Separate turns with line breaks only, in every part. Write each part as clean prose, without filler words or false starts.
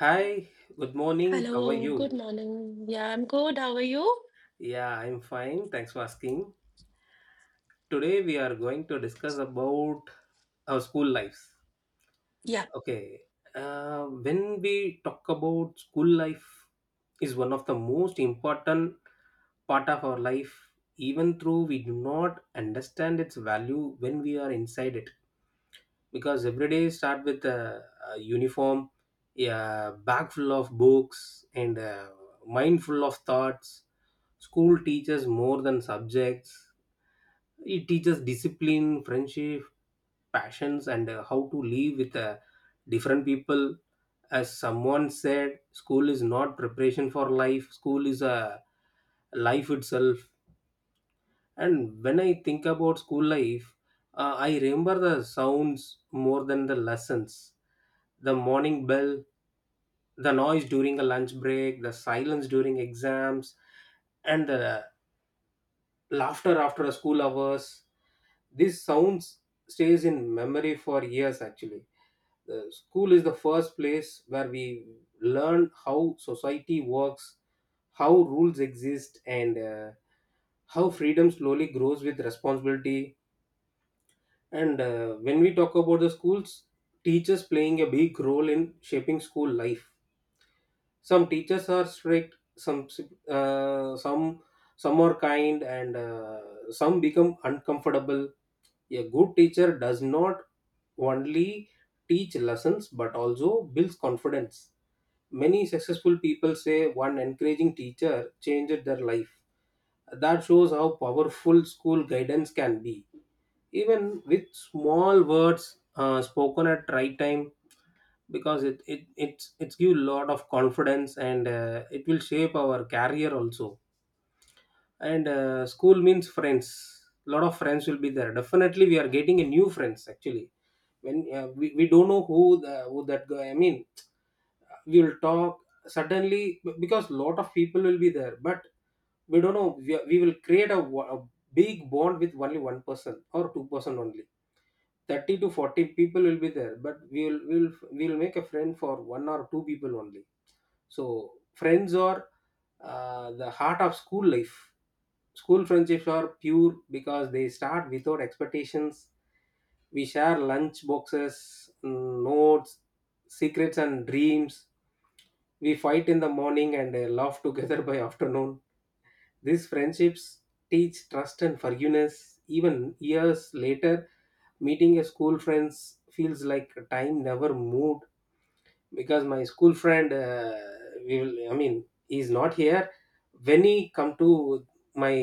Hi, good morning. How are
Hello, good
you?
morning. Yeah, I'm good. How are you?
Yeah, I'm fine. Thanks for asking. Today we are going to discuss about our school lives.
Yeah.
Okay. When we talk about school life is one of the most important part of our life even though we do not understand its value when we are inside it. Because every day start with a uniform, a bag full of books and a mind full of thoughts. School teaches more than subjects, it teaches discipline, friendship, passions and how to live with different people. As someone said, school is not preparation for life, school is a life itself. And when I think about school life, I remember the sounds more than the lessons. The morning bell, the noise during a lunch break, the silence during exams, and the laughter after a school hours. These sounds stays in memory for years actually. The school is the first place where we learn how society works, how rules exist, and how freedom slowly grows with responsibility. And when we talk about the schools, teachers playing a big role in shaping school life. Some teachers are strict, uh, some some are kind, and some become uncomfortable. A good teacher does not only teach lessons but also builds confidence. Many successful people say one encouraging teacher changed their life. That shows how powerful school guidance can be even with small words spoken at right time, because it's give lot of confidence and it will shape our career also. And school means friends, lot of friends will be there, definitely we are getting a new friends actually. When we don't know who that guy, I mean, we will talk suddenly, because lot of people will be there, but we don't know. We will create a big bond with only one person or two-person only. 30 to 40 people will be there, but we'll make a friend for one or two people only. So friends are the heart of school life. School friendships are pure because they start without expectations. We share lunch boxes, notes, secrets and dreams. We fight in the morning and laugh together by afternoon. These friendships teach trust and forgiveness. Even years later, meeting a school friends feels like time never moved. Because my school friend, we will I mean he's not here. When he come to my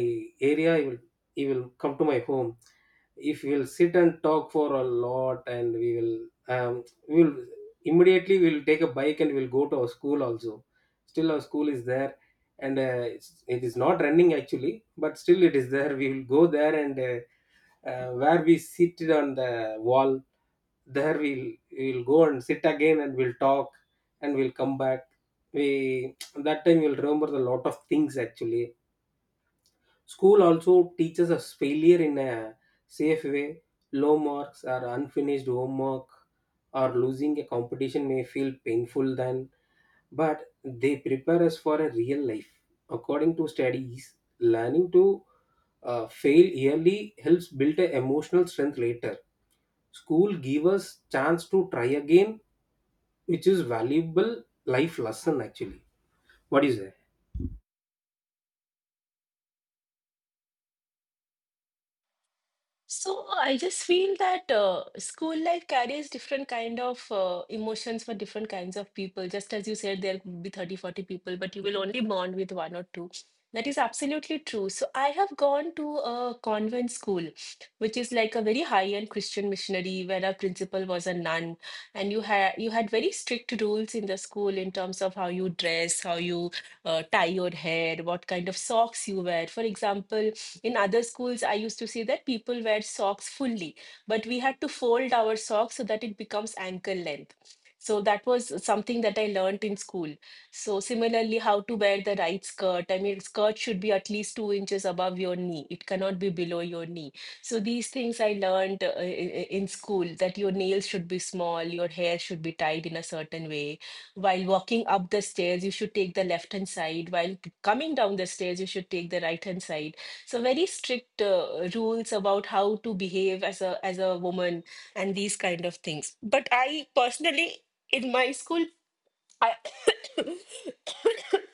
area, he will, he will come to my home. If we will sit and talk for a lot, and we will, um, we will immediately we will take a bike and we will go to our school also. Still our school is there, and it is not running actually, but still it is there. We will go there and where we sit on the wall, there we'll go and sit again and we'll talk, and we'll come back. We that time we'll remember a lot of things actually. School also teaches us failure in a safe way. Low marks or unfinished homework or losing a competition may feel painful then, but they prepare us for a real life. According to studies, learning to fail early helps build a emotional strength later. School give us chance to try again, which is valuable life lesson actually. What is it?
So I just feel that school life carries different kind of emotions for different kinds of people. Just as you said, there could be 30, 40 people, but you will only bond with one or two. That is absolutely true. So I have gone to a convent school, which is like a very high-end Christian missionary where our principal was a nun, and you had very strict rules in the school in terms of how you dress, how you tie your hair, what kind of socks you wear. For example, in other schools I used to see that people wear socks fully, but we had to fold our socks so that it becomes ankle length. So that was something that I learned in school. So similarly, how to wear the right skirt, I mean skirt should be at least 2 inches above your knee, it cannot be below your knee. So these things I learned, in school, that your nails should be small, your hair should be tied in a certain way. While walking up the stairs you should take the left hand side, while coming down the stairs you should take the right hand side. So very strict rules about how to behave as a woman and these kind of things. But I personally, in my school, I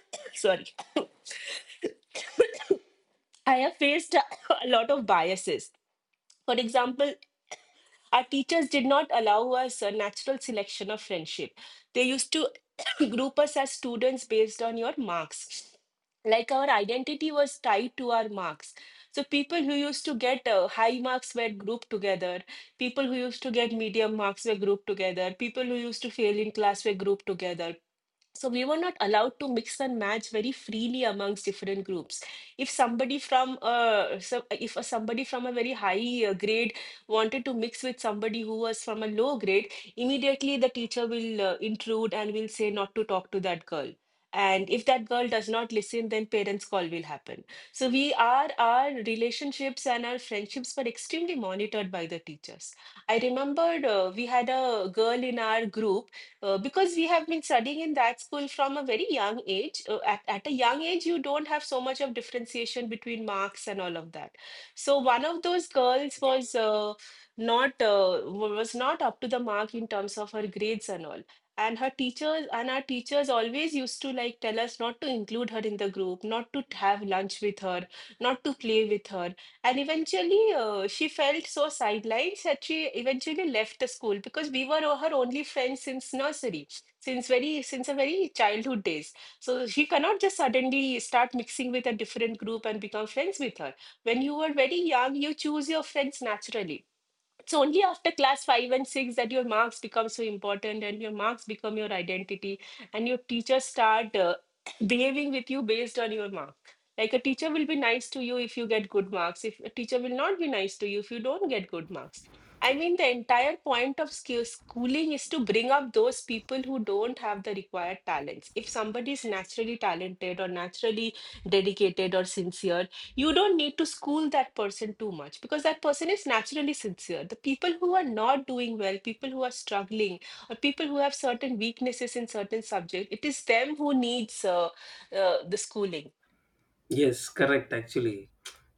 sorry, I have faced a lot of biases. For example, our teachers did not allow us a natural selection of friendship. They used to group us as students based on your marks. Like our identity was tied to our marks. So people who used to get high marks were grouped together. People who used to get medium marks were grouped together. People who used to fail in class were grouped together. So we were not allowed to mix and match very freely amongst different groups. If somebody from a very high grade wanted to mix with somebody who was from a low grade, immediately the teacher will intrude and will say not to talk to that girl. And if that girl does not listen, then parents' call will happen. So we are our relationships and our friendships were extremely monitored by the teachers. I remembered we had a girl in our group, because we have been studying in that school from a very young age. At a young age, you don't have so much of differentiation between marks and all of that. So one of those girls was not was not up to the mark in terms of her grades and all. And her teachers and our teachers always used to like tell us not to include her in the group, not to have lunch with her, not to play with her. And eventually, she felt so sidelined that she eventually left the school because we were her only friends since nursery, since her very childhood days. So she cannot just suddenly start mixing with a different group and become friends with her. When you are very young, you choose your friends naturally. It's only after class 5 and 6 that your marks become so important and your marks become your identity, and your teachers start behaving with you based on your mark. Like a teacher will be nice to you if you get good marks, if a teacher will not be nice to you if you don't get good marks. I mean, the entire point of skill schooling is to bring up those people who don't have the required talents. If somebody is naturally talented or naturally dedicated or sincere, you don't need to school that person too much because that person is naturally sincere. The people who are not doing well, people who are struggling, or people who have certain weaknesses in certain subjects, it is them who needs the schooling.
Yes, correct. Actually,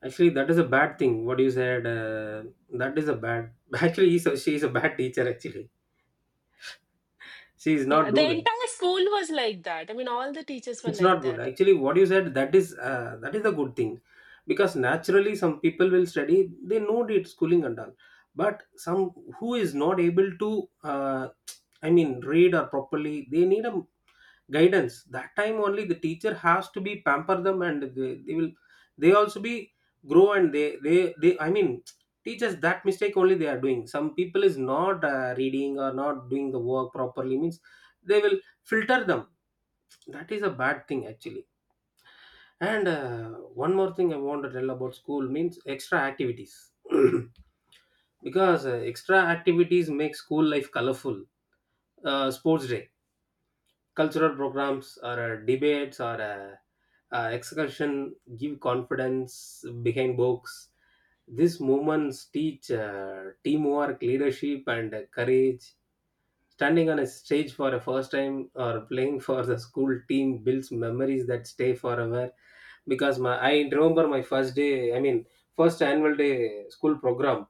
actually that is a bad thing. What you said, that is a bad. Actually, she is a bad teacher. Actually, she is not
Yeah, the
do that.
entire school was like that. I mean, all the teachers were
It's
like
not good
that.
actually, what you said, that is a good thing. Because naturally some people will study, they know it, schooling and all. But some who is not able to uh, read or properly, they need a guidance. That time only, the teacher has to be pamper them, and they will, they also be grow, and they I mean teachers, that mistake only they are doing. Some people is not reading or not doing the work properly means they will filter them. That is a bad thing actually. And one more thing I want to tell about school means extra activities. Because extra activities make school life colorful. Sports day, cultural programs, or debates, or excursion give confidence behind books. These moments teach teamwork, leadership, and courage. Standing on a stage for a first time or playing for the school team builds memories that stay forever. Because my I remember my first day, I mean first annual day school program.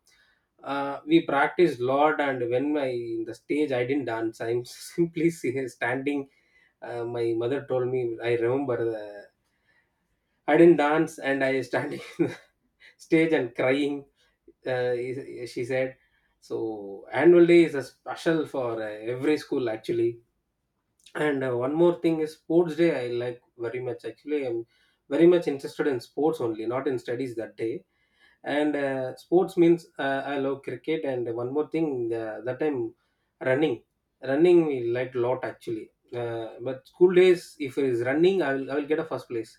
We practiced a lot, and when my in the stage, I didn't dance. I'm simply standing. My mother told me I remember the, I didn't dance, and I standing in the stage and crying. Uh, she said. So annual day is a special for every school actually. And one more thing is sports day. I like very much. Actually, I'm very much interested in sports only, not in studies that day. And sports means I love cricket. And one more thing, that time running, running we liked a lot actually. But school days, if it is running, I will get a first place.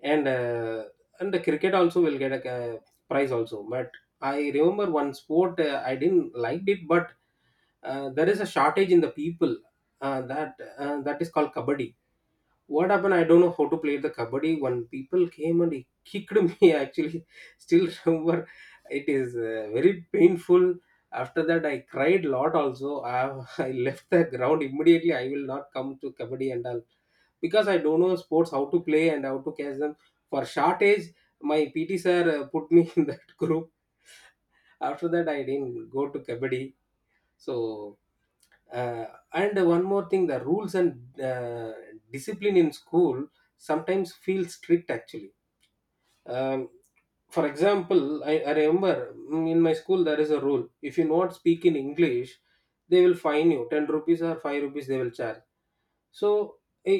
And uh, and the cricket also will get a, prize also. But I remember one sport, I didn't liked it, but there is a shortage in the people, that is called kabaddi. What happened, I don't know how to play the kabaddi. One people came and he kicked me. I actually still remember, it is very painful. After that, I cried a lot also. I, I left the ground immediately. I will not come to kabaddi and all, because I don't know sports, how to play and how to catch them. For short age, my PT sir put me in that group. After that, I didn't go to kabaddi. So uh, and one more thing, the rules and discipline in school sometimes feel strict actually. um, for example, I remember, in my school there is a rule, if you not speak in english, they will fine you 10 rupees or 5 rupees, they will charge. So, i,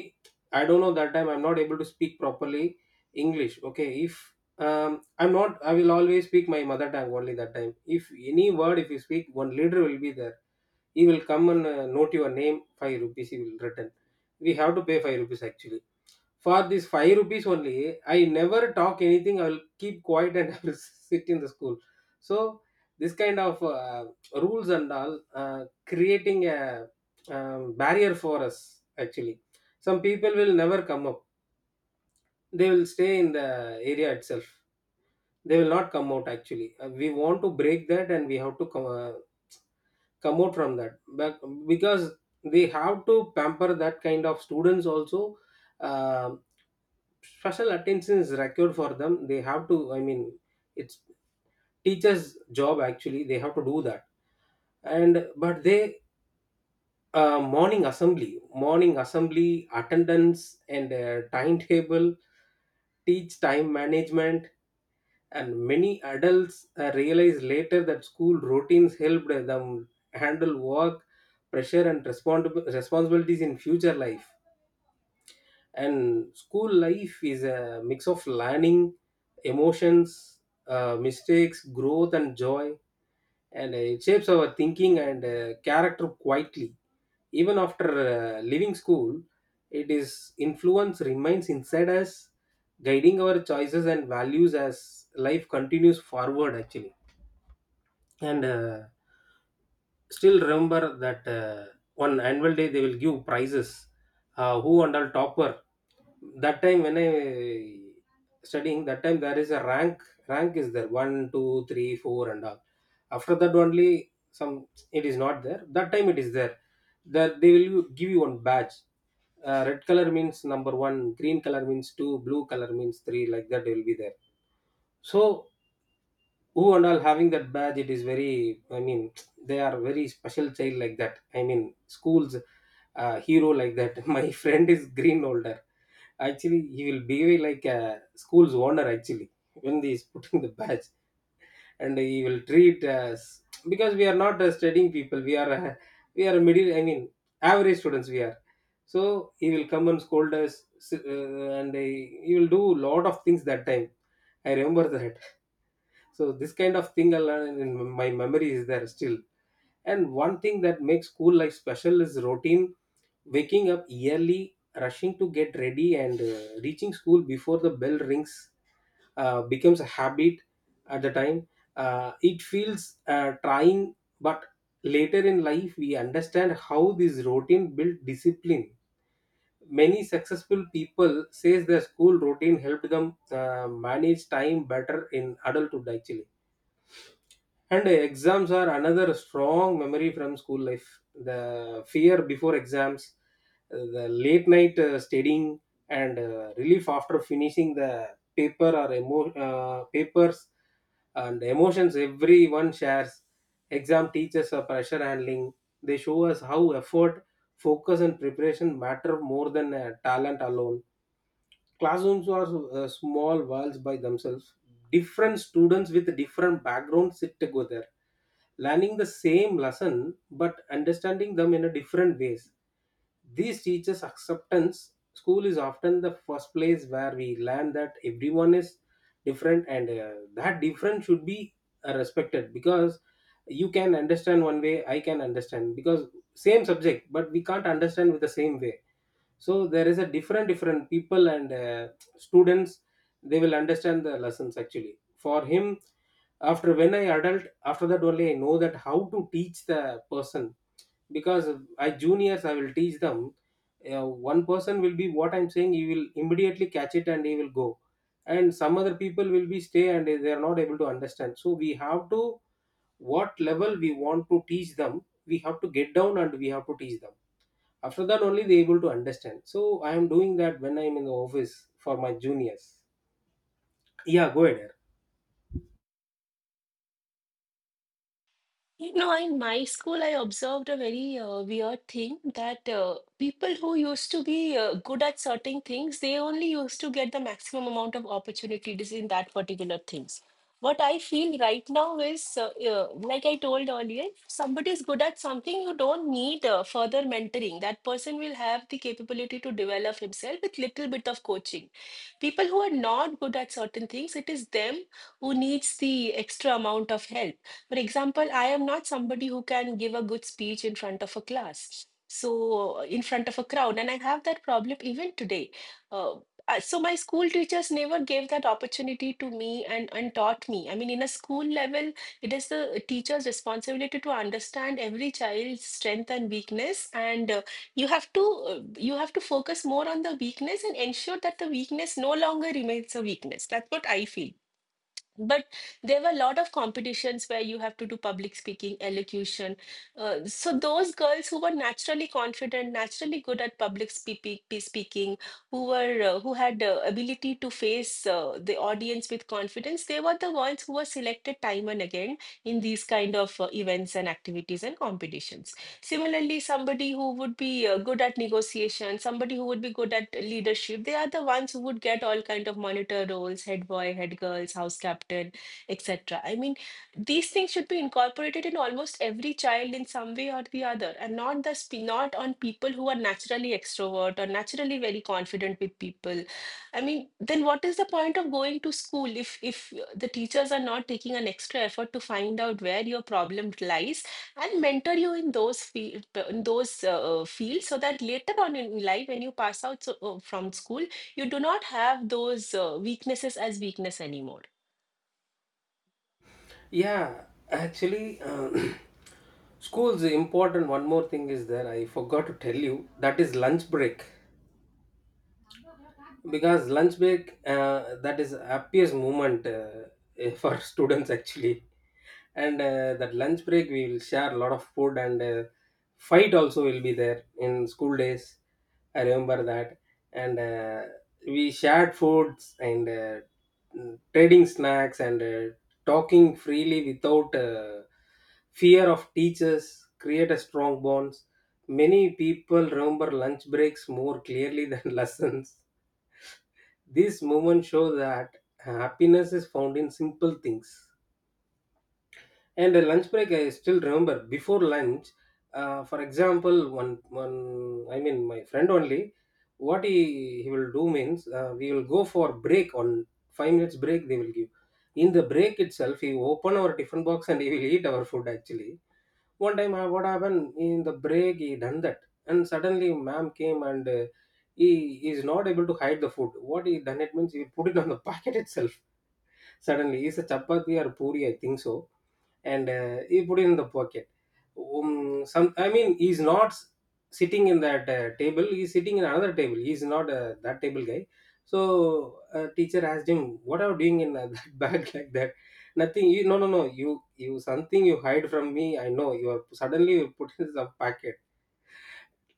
I don't know, that time I'm not able to speak properly english. Okay, if I'm not I will always speak my mother tongue only. That time, if any word if you speak, one leader will be there. He will come and note your name, 5 rupees he will return. We have to pay 5 rupees actually. For this 5 rupees only, I never talk anything. I will keep quiet and I will sit in the school. So this kind of rules and all creating a barrier for us actually. Some people will never come up. They will stay in the area itself. They will not come out actually. We want to break that, and we have to come, come out from that. Because they have to pamper that kind of students also. Um, special attention is required for them. They have to, I mean, it's teachers job actually, they have to do that. And but they, uh, morning assembly morning assembly, attendance, and timetable teach time management. And many adults realize later that school routines helped them handle work pressure and responsibilities in future life. And school life is a mix of learning, emotions, mistakes, growth and joy. And it shapes our thinking and character quietly, even after leaving school. It is influence remains inside us, guiding our choices and values as life continues forward actually. And still remember that on annual day they will give prizes, who and all topper. That time when I studying, that time there is a rank. Rank is there, 1 2 3 4 and all. After that only some, it is not there that time, it is there, that they will give you one badge. Red color means number one, green color means two, blue color means three, like that they will be there. So who and all having that badge, it is very, I mean, they are very special child, like that, I mean, school's hero like that. My friend is green holder actually. He will behave like a school's owner actually, when he is putting the badge. And he will treat us, because we are not studying people, we are middle, I mean, average students we are. So he will come and scold us, s- uh, and he, he will do lot of things that time. I remember that. So this kind of thing I learned in my memory is there still. And one thing that makes school life special is routine, waking up early, rushing to get ready, and reaching school before the bell rings becomes a habit at the time. It feels trying, but later in life we understand how this routine built discipline. Many successful people says their school routine helped them manage time better in adulthood actually. And exams are another strong memory from school life. The fear before exams, the late night studying, and relief after finishing the papers and emotions everyone shares. Exam teaches pressure handling. They show us how effort, focus, and preparation matter more than talent alone. Classrooms are small worlds by themselves. Different students with different backgrounds sit together learning the same lesson but understanding them in a different ways. These teachers acceptance school is often the first place where we learn that everyone is different, and that difference should be respected, because you can understand one way, I can understand because same subject but we can't understand with the same way. So there is a different different people, and students, they will understand the lessons actually for him. After when I adult, after that only I know that how to teach the person. Because I juniors I will teach them, one person will be what I'm saying, he will immediately catch it and he will go, and some other people will be stay and they are not able to understand, so we have to what level we want to teach them, we have to get down and we have to teach them. After that only they able to understand, so I am doing that when I am in the office for my juniors. Yeah, go ahead.
You know, in my school, I observed a very weird thing, that people who used to be good at certain things, they only used to get the maximum amount of opportunities in that particular things. What I feel right now is, like I told earlier, if somebody is good at something, you don't need further mentoring. That person will have the capability to develop himself with little bit of coaching. People who are not good at certain things, it is them who needs the extra amount of help. For example, I am not somebody who can give a good speech in front of a class, so in front of a crowd, and I have that problem even today. Uh, so my school teachers never gave that opportunity to me and taught me. I mean, in a school level, it is the teacher's responsibility to understand every child's strength and weakness, and you have to you have to focus more on the weakness and ensure that the weakness no longer remains a weakness. That's what I feel. But there were a lot of competitions where you have to do public speaking, elocution. So those girls who were naturally confident, naturally good at public speaking, who were who had ability to face the audience with confidence, they were the ones who were selected time and again in these kind of events and activities and competitions. Similarly, somebody who would be good at negotiation, somebody who would be good at leadership, they are the ones who would get all kind of monitor roles, head boy, head girls, house captain, etc. I mean, these things should be incorporated in almost every child in some way or the other, and not the sp not on people who are naturally extrovert or naturally very confident with people. I mean, then what is the point of going to school if the teachers are not taking an extra effort to find out where your problem lies? And mentor you in those field, in those fields, so that later on in life when you pass out, from school you do not have those weaknesses as weakness anymore.
Yeah, actually, school's important. One more thing is there I forgot to tell you, that is lunch break. Because lunch break, that is happiest moment, for students actually. And that lunch break we will share a lot of food, and fight also will be there in school days. I remember that. And we shared foods, and trading snacks, and talking freely without fear of teachers create a strong bonds. Many people remember lunch breaks more clearly than lessons. These moments show that happiness is found in simple things. And a lunch break, I still remember before lunch. For example, one I mean my friend only, what he will do means we will go for break on 5 minutes break they will give. In the break itself, he will open our different box and he will eat our food actually. One time what happened in the break, he done that, and suddenly ma'am came, and he is not able to hide the food what he done. It means he put it on the packet itself. Suddenly it's a chapati or puri I think so, and he put it in the pocket. Some I mean, he's not s- sitting in that table. He's sitting in another table. He's not that table guy. So teacher asked him, "What are you doing in that bag like that?" Nothing. No, no, no. You something you hide from me. I know you are suddenly you put in the packet,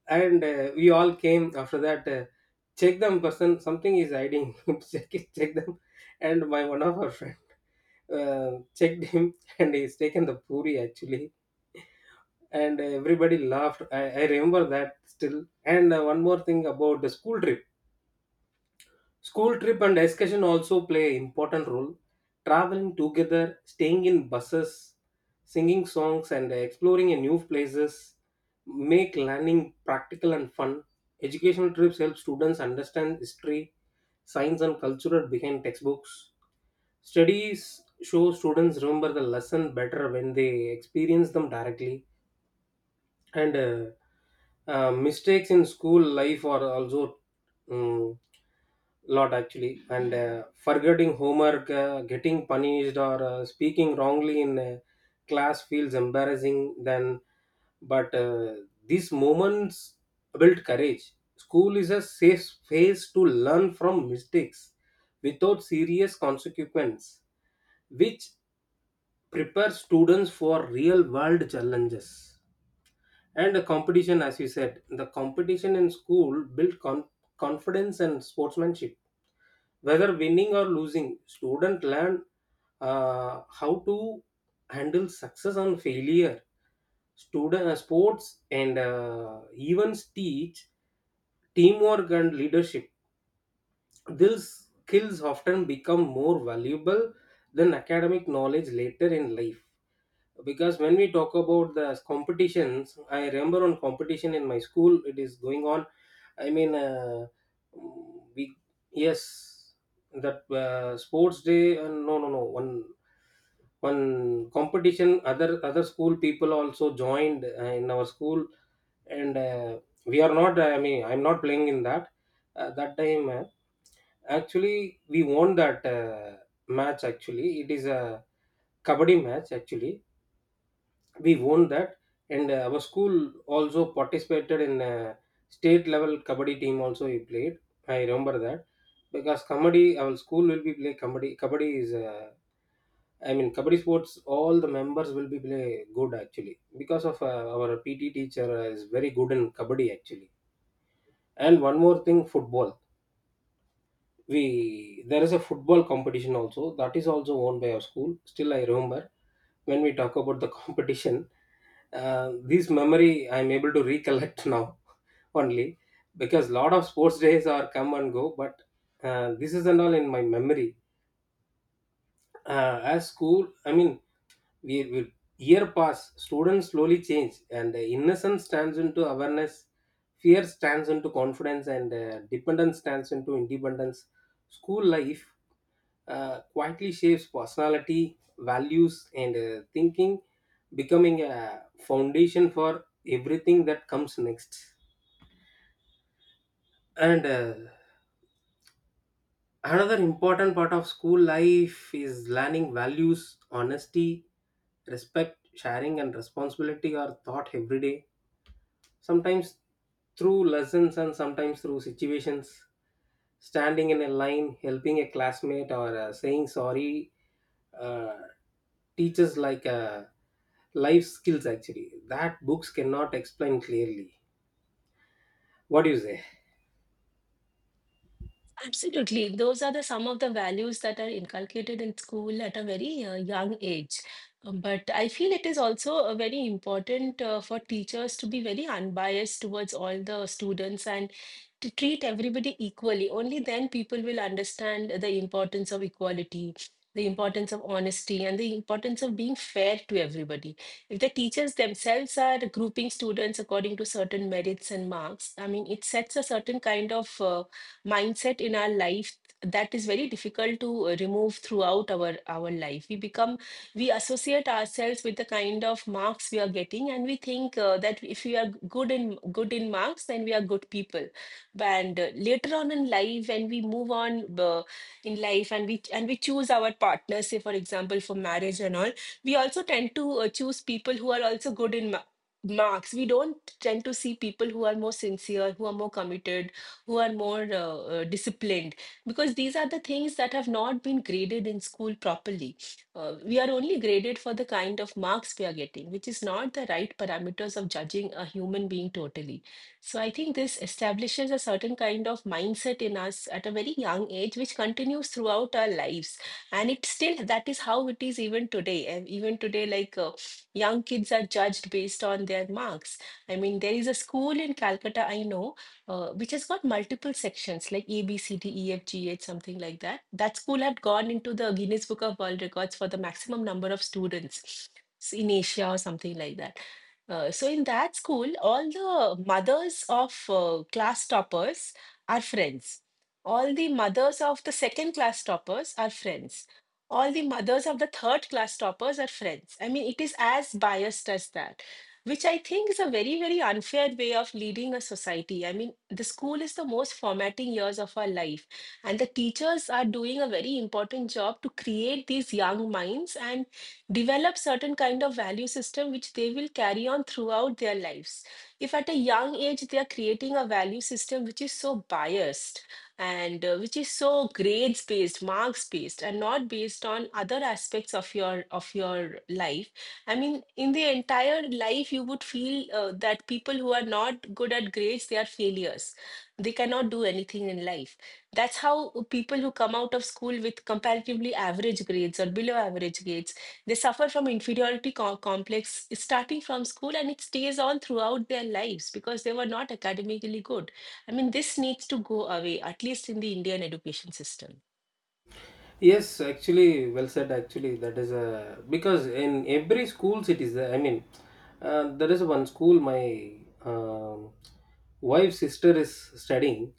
and we all came after that. Check them, person. Something is hiding. Check it. Check them. And my one of our friend checked him, and he's taken the puri actually, and everybody laughed. I remember that still. And one more thing about the school trip. School trip and excursion also play important role. Traveling together, staying in buses, singing songs, and exploring in new places make learning practical and fun. Educational trips help students understand history, science, and culture behind textbooks. Studies show students remember the lesson better when they experience them directly. And Mistakes in school life are also um, lot actually, and forgetting homework, getting punished, or speaking wrongly in class feels embarrassing then, but these moments build courage. School is a safe space to learn from mistakes without serious consequence, which prepares students for real world challenges. And the competition, as you said, the competition in school built con- confidence and sportsmanship. Whether winning or losing, student learn how to handle success and failure. Student sports and events teach teamwork and leadership. These skills often become more valuable than academic knowledge later in life. Because when we talk about the competitions, I remember on competition in my school it is going on. I mean, we yes, that sports day, no no no one one competition, other other school people also joined in our school. And we are not, I mean I'm not playing in that, that time, actually we won that match actually. It is a kabaddi match actually. We won that, and our school also participated in state level kabaddi team also we played. I remember that. Because kabaddi, our school will be play kabaddi. Kabaddi is I mean kabaddi sports all the members will be play good actually. Because of our PT teacher is very good in kabaddi actually. And one more thing, football. We, there is a football competition also, that is also owned by our school. Still, I remember when we talk about the competition, this memory I'm able to recollect now only, because lot of sports days are come and go, but this is and all in my memory. As school, I mean, we year pass, students slowly change, and innocence turns into awareness, fear stands into confidence, and dependence stands into independence. School life quietly shapes personality, values, and thinking, becoming a foundation for everything that comes next. And another important part of school life is learning values. Honesty, respect, sharing, and responsibility are taught every day. Sometimes through lessons and sometimes through situations. Standing in a line, helping a classmate, or saying sorry uh, teaches like a life skills actually that books cannot explain clearly. What do you say?
Absolutely, those are the some of the values that are inculcated in school at a very young age. But I feel it is also very important for teachers to be very unbiased towards all the students and to treat everybody equally. Only then people will understand the importance of equality, the importance of honesty, and the importance of being fair to everybody. If the teachers themselves are grouping students according to certain merits and marks, I mean, it sets a certain kind of mindset in our life that is very difficult to remove throughout our life. We become, we associate ourselves with the kind of marks we are getting, and we think that if we are good in marks, then we are good people. And later on in life when we move on, in life, and we choose our partners, say for example for marriage and all, we also tend to choose people who are also good in marks. We don't tend to see people who are more sincere, who are more committed, who are more disciplined, because these are the things that have not been graded in school properly. We are only graded for the kind of marks we are getting, which is not the right parameters of judging a human being totally. So I think this establishes a certain kind of mindset in us at a very young age, which continues throughout our lives. And it's still, that is how it is even today. And even today, like young kids are judged based on their marks. I mean, there is a school in Calcutta, I know, which has got multiple sections like A, B, C, D, E, F, G, H, something like that. That school had gone into the Guinness Book of World Records for the maximum number of students. In Asia or something like that. So in that school, all the mothers of class toppers are friends. All the mothers of the second class toppers are friends. All the mothers of the third class toppers are friends. I mean, it is as biased as that, which I think is a very, very unfair way of leading a society. I mean, the school is the most formatting years of our life, and the teachers are doing a very important job to create these young minds and develop certain kind of value system which they will carry on throughout their lives. If at a young age they are creating a value system which is so biased, and which is so grades based, marks based, and not based on other aspects of your life, I mean, in the entire life you would feel that people who are not good at grades, they are failures, they cannot do anything in life. That's how people who come out of school with comparatively average grades or below average grades, they suffer from inferiority complex starting from school and it stays on throughout their lives because they were not academically good. I mean, this needs to go away, at least in the Indian education system.
Yes, actually, well said actually. That is a, because in every schools it is there. I mean, there is one school, my um wife's sister is studying.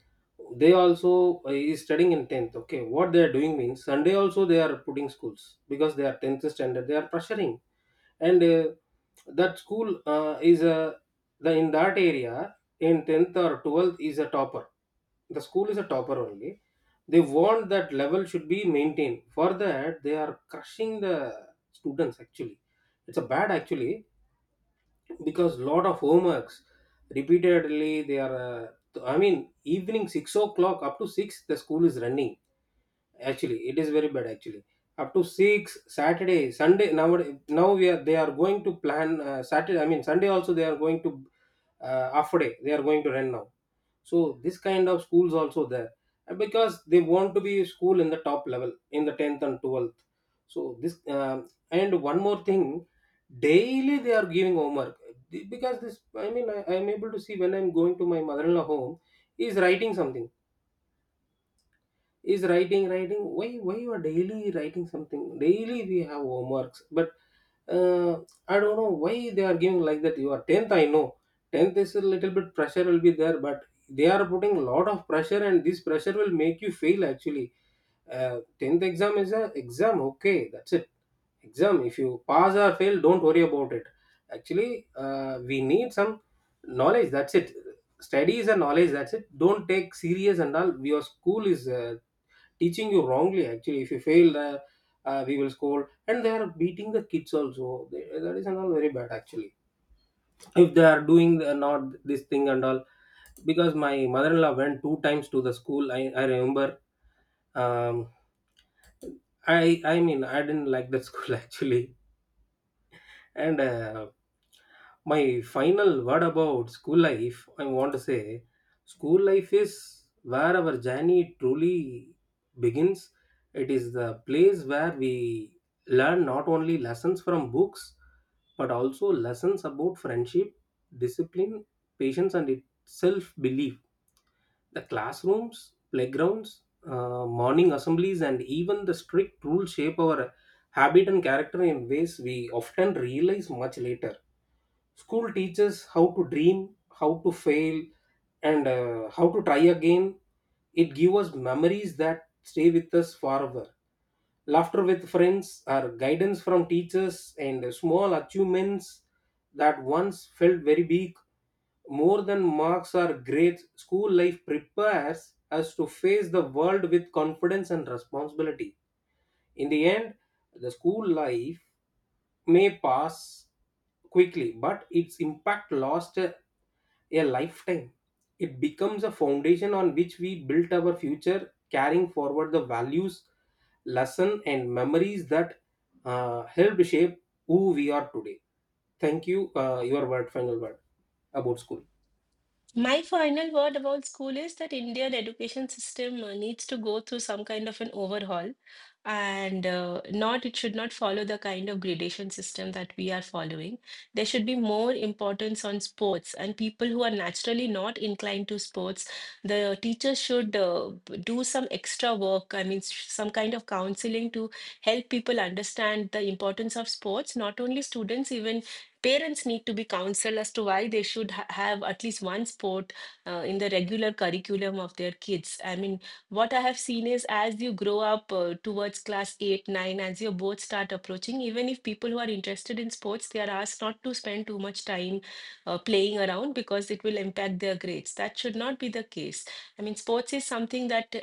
They also is studying in 10th, okay, what they are doing means sunday also they are putting schools, because they are 10th standard, they are pressuring. And that school is a, the in that area in 10th or 12th is a topper, the school is a topper only. They want that level should be maintained, for that they are crushing the students actually. It's a bad actually. Because lot of homeworks repeatedly they are, I mean evening 6 o'clock, up to 6 the school is running. Actually, it is very bad. Actually, up to six Saturday, Sunday. Now we are, they are going to plan Saturday, I mean Sunday also. They are going to half a day, they are going to run now. So this kind of schools also there. And because they want to be school in the top level in the tenth and 12th. So this, and one more thing, daily they are giving homework, because this. I mean, I am able to see when I am going to my mother-in-law home. He is writing something, is writing, why you are daily writing something, daily we have homeworks. But uh, I don't know why they are giving like that. You are 10th, I know 10th is a little bit pressure will be there, but they are putting a lot of pressure, and this pressure will make you fail actually. Uh, 10th exam is a exam, okay, that's it. Exam, if you pass or fail, don't worry about it. Actually, we need some knowledge, that's it. Study is a knowledge, that's it, don't take serious and all. Your school is teaching you wrongly actually. If you fail, we will scold, and they are beating the kids also. They, that is and all very bad actually. If they are doing the, not this thing and all, because my mother-in-law went 2 times to the school. I remember. um, I mean I didn't like that school actually. And my final word about school life, I want to say school life is where our journey truly begins. It is the place where we learn not only lessons from books but also lessons about friendship, discipline, patience, and self belief. The classrooms, playgrounds, morning assemblies, and even the strict rules shape our habit and character in ways we often realize much later. School teaches how to dream, how to fail, and how to try again. It gives us memories that stay with us forever. Laughter with friends, or guidance from teachers, and small achievements that once felt very big. More than marks or grades, school life prepares us to face the world with confidence and responsibility. In the end, the school life may pass quickly, but its impact lasts a lifetime. It becomes a foundation on which we build our future, carrying forward the values, lesson, and memories that helped shape who we are today. Thank you. Your word, final word about school.
My final word about school is that Indian education system needs to go through some kind of an overhaul, and not it should not follow the kind of gradation system that we are following. There should be more importance on sports, and people who are naturally not inclined to sports, the teachers should do some extra work. I mean, some kind of counseling to help people understand the importance of sports. Not only students, even parents need to be counseled as to why they should have at least one sport in the regular curriculum of their kids. I mean, what I have seen is as you grow up towards class 8, 9, as your boards start approaching, even if people who are interested in sports, they are asked not to spend too much time playing around because it will impact their grades. That should not be the case. I mean, sports is something that uh,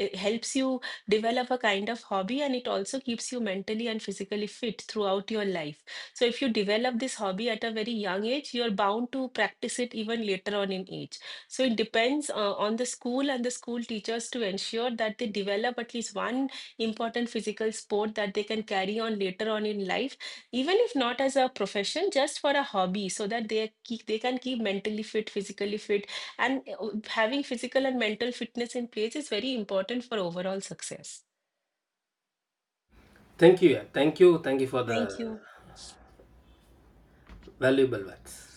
i- helps you develop a kind of hobby and it also keeps you mentally and physically fit throughout your life. So if you develop this hobby at a very young age, you're bound to practice it even later on in age. So it depends on the school and the school teachers to ensure that they develop at least one important physical sport that they can carry on later on in life, even if not as a profession, just for a hobby, so that they can keep mentally fit, physically fit, and having physical and mental fitness in place is very important for overall success.
Thank you. Yeah. Thank you. Thank you for
Thank
the
you.
valuable words.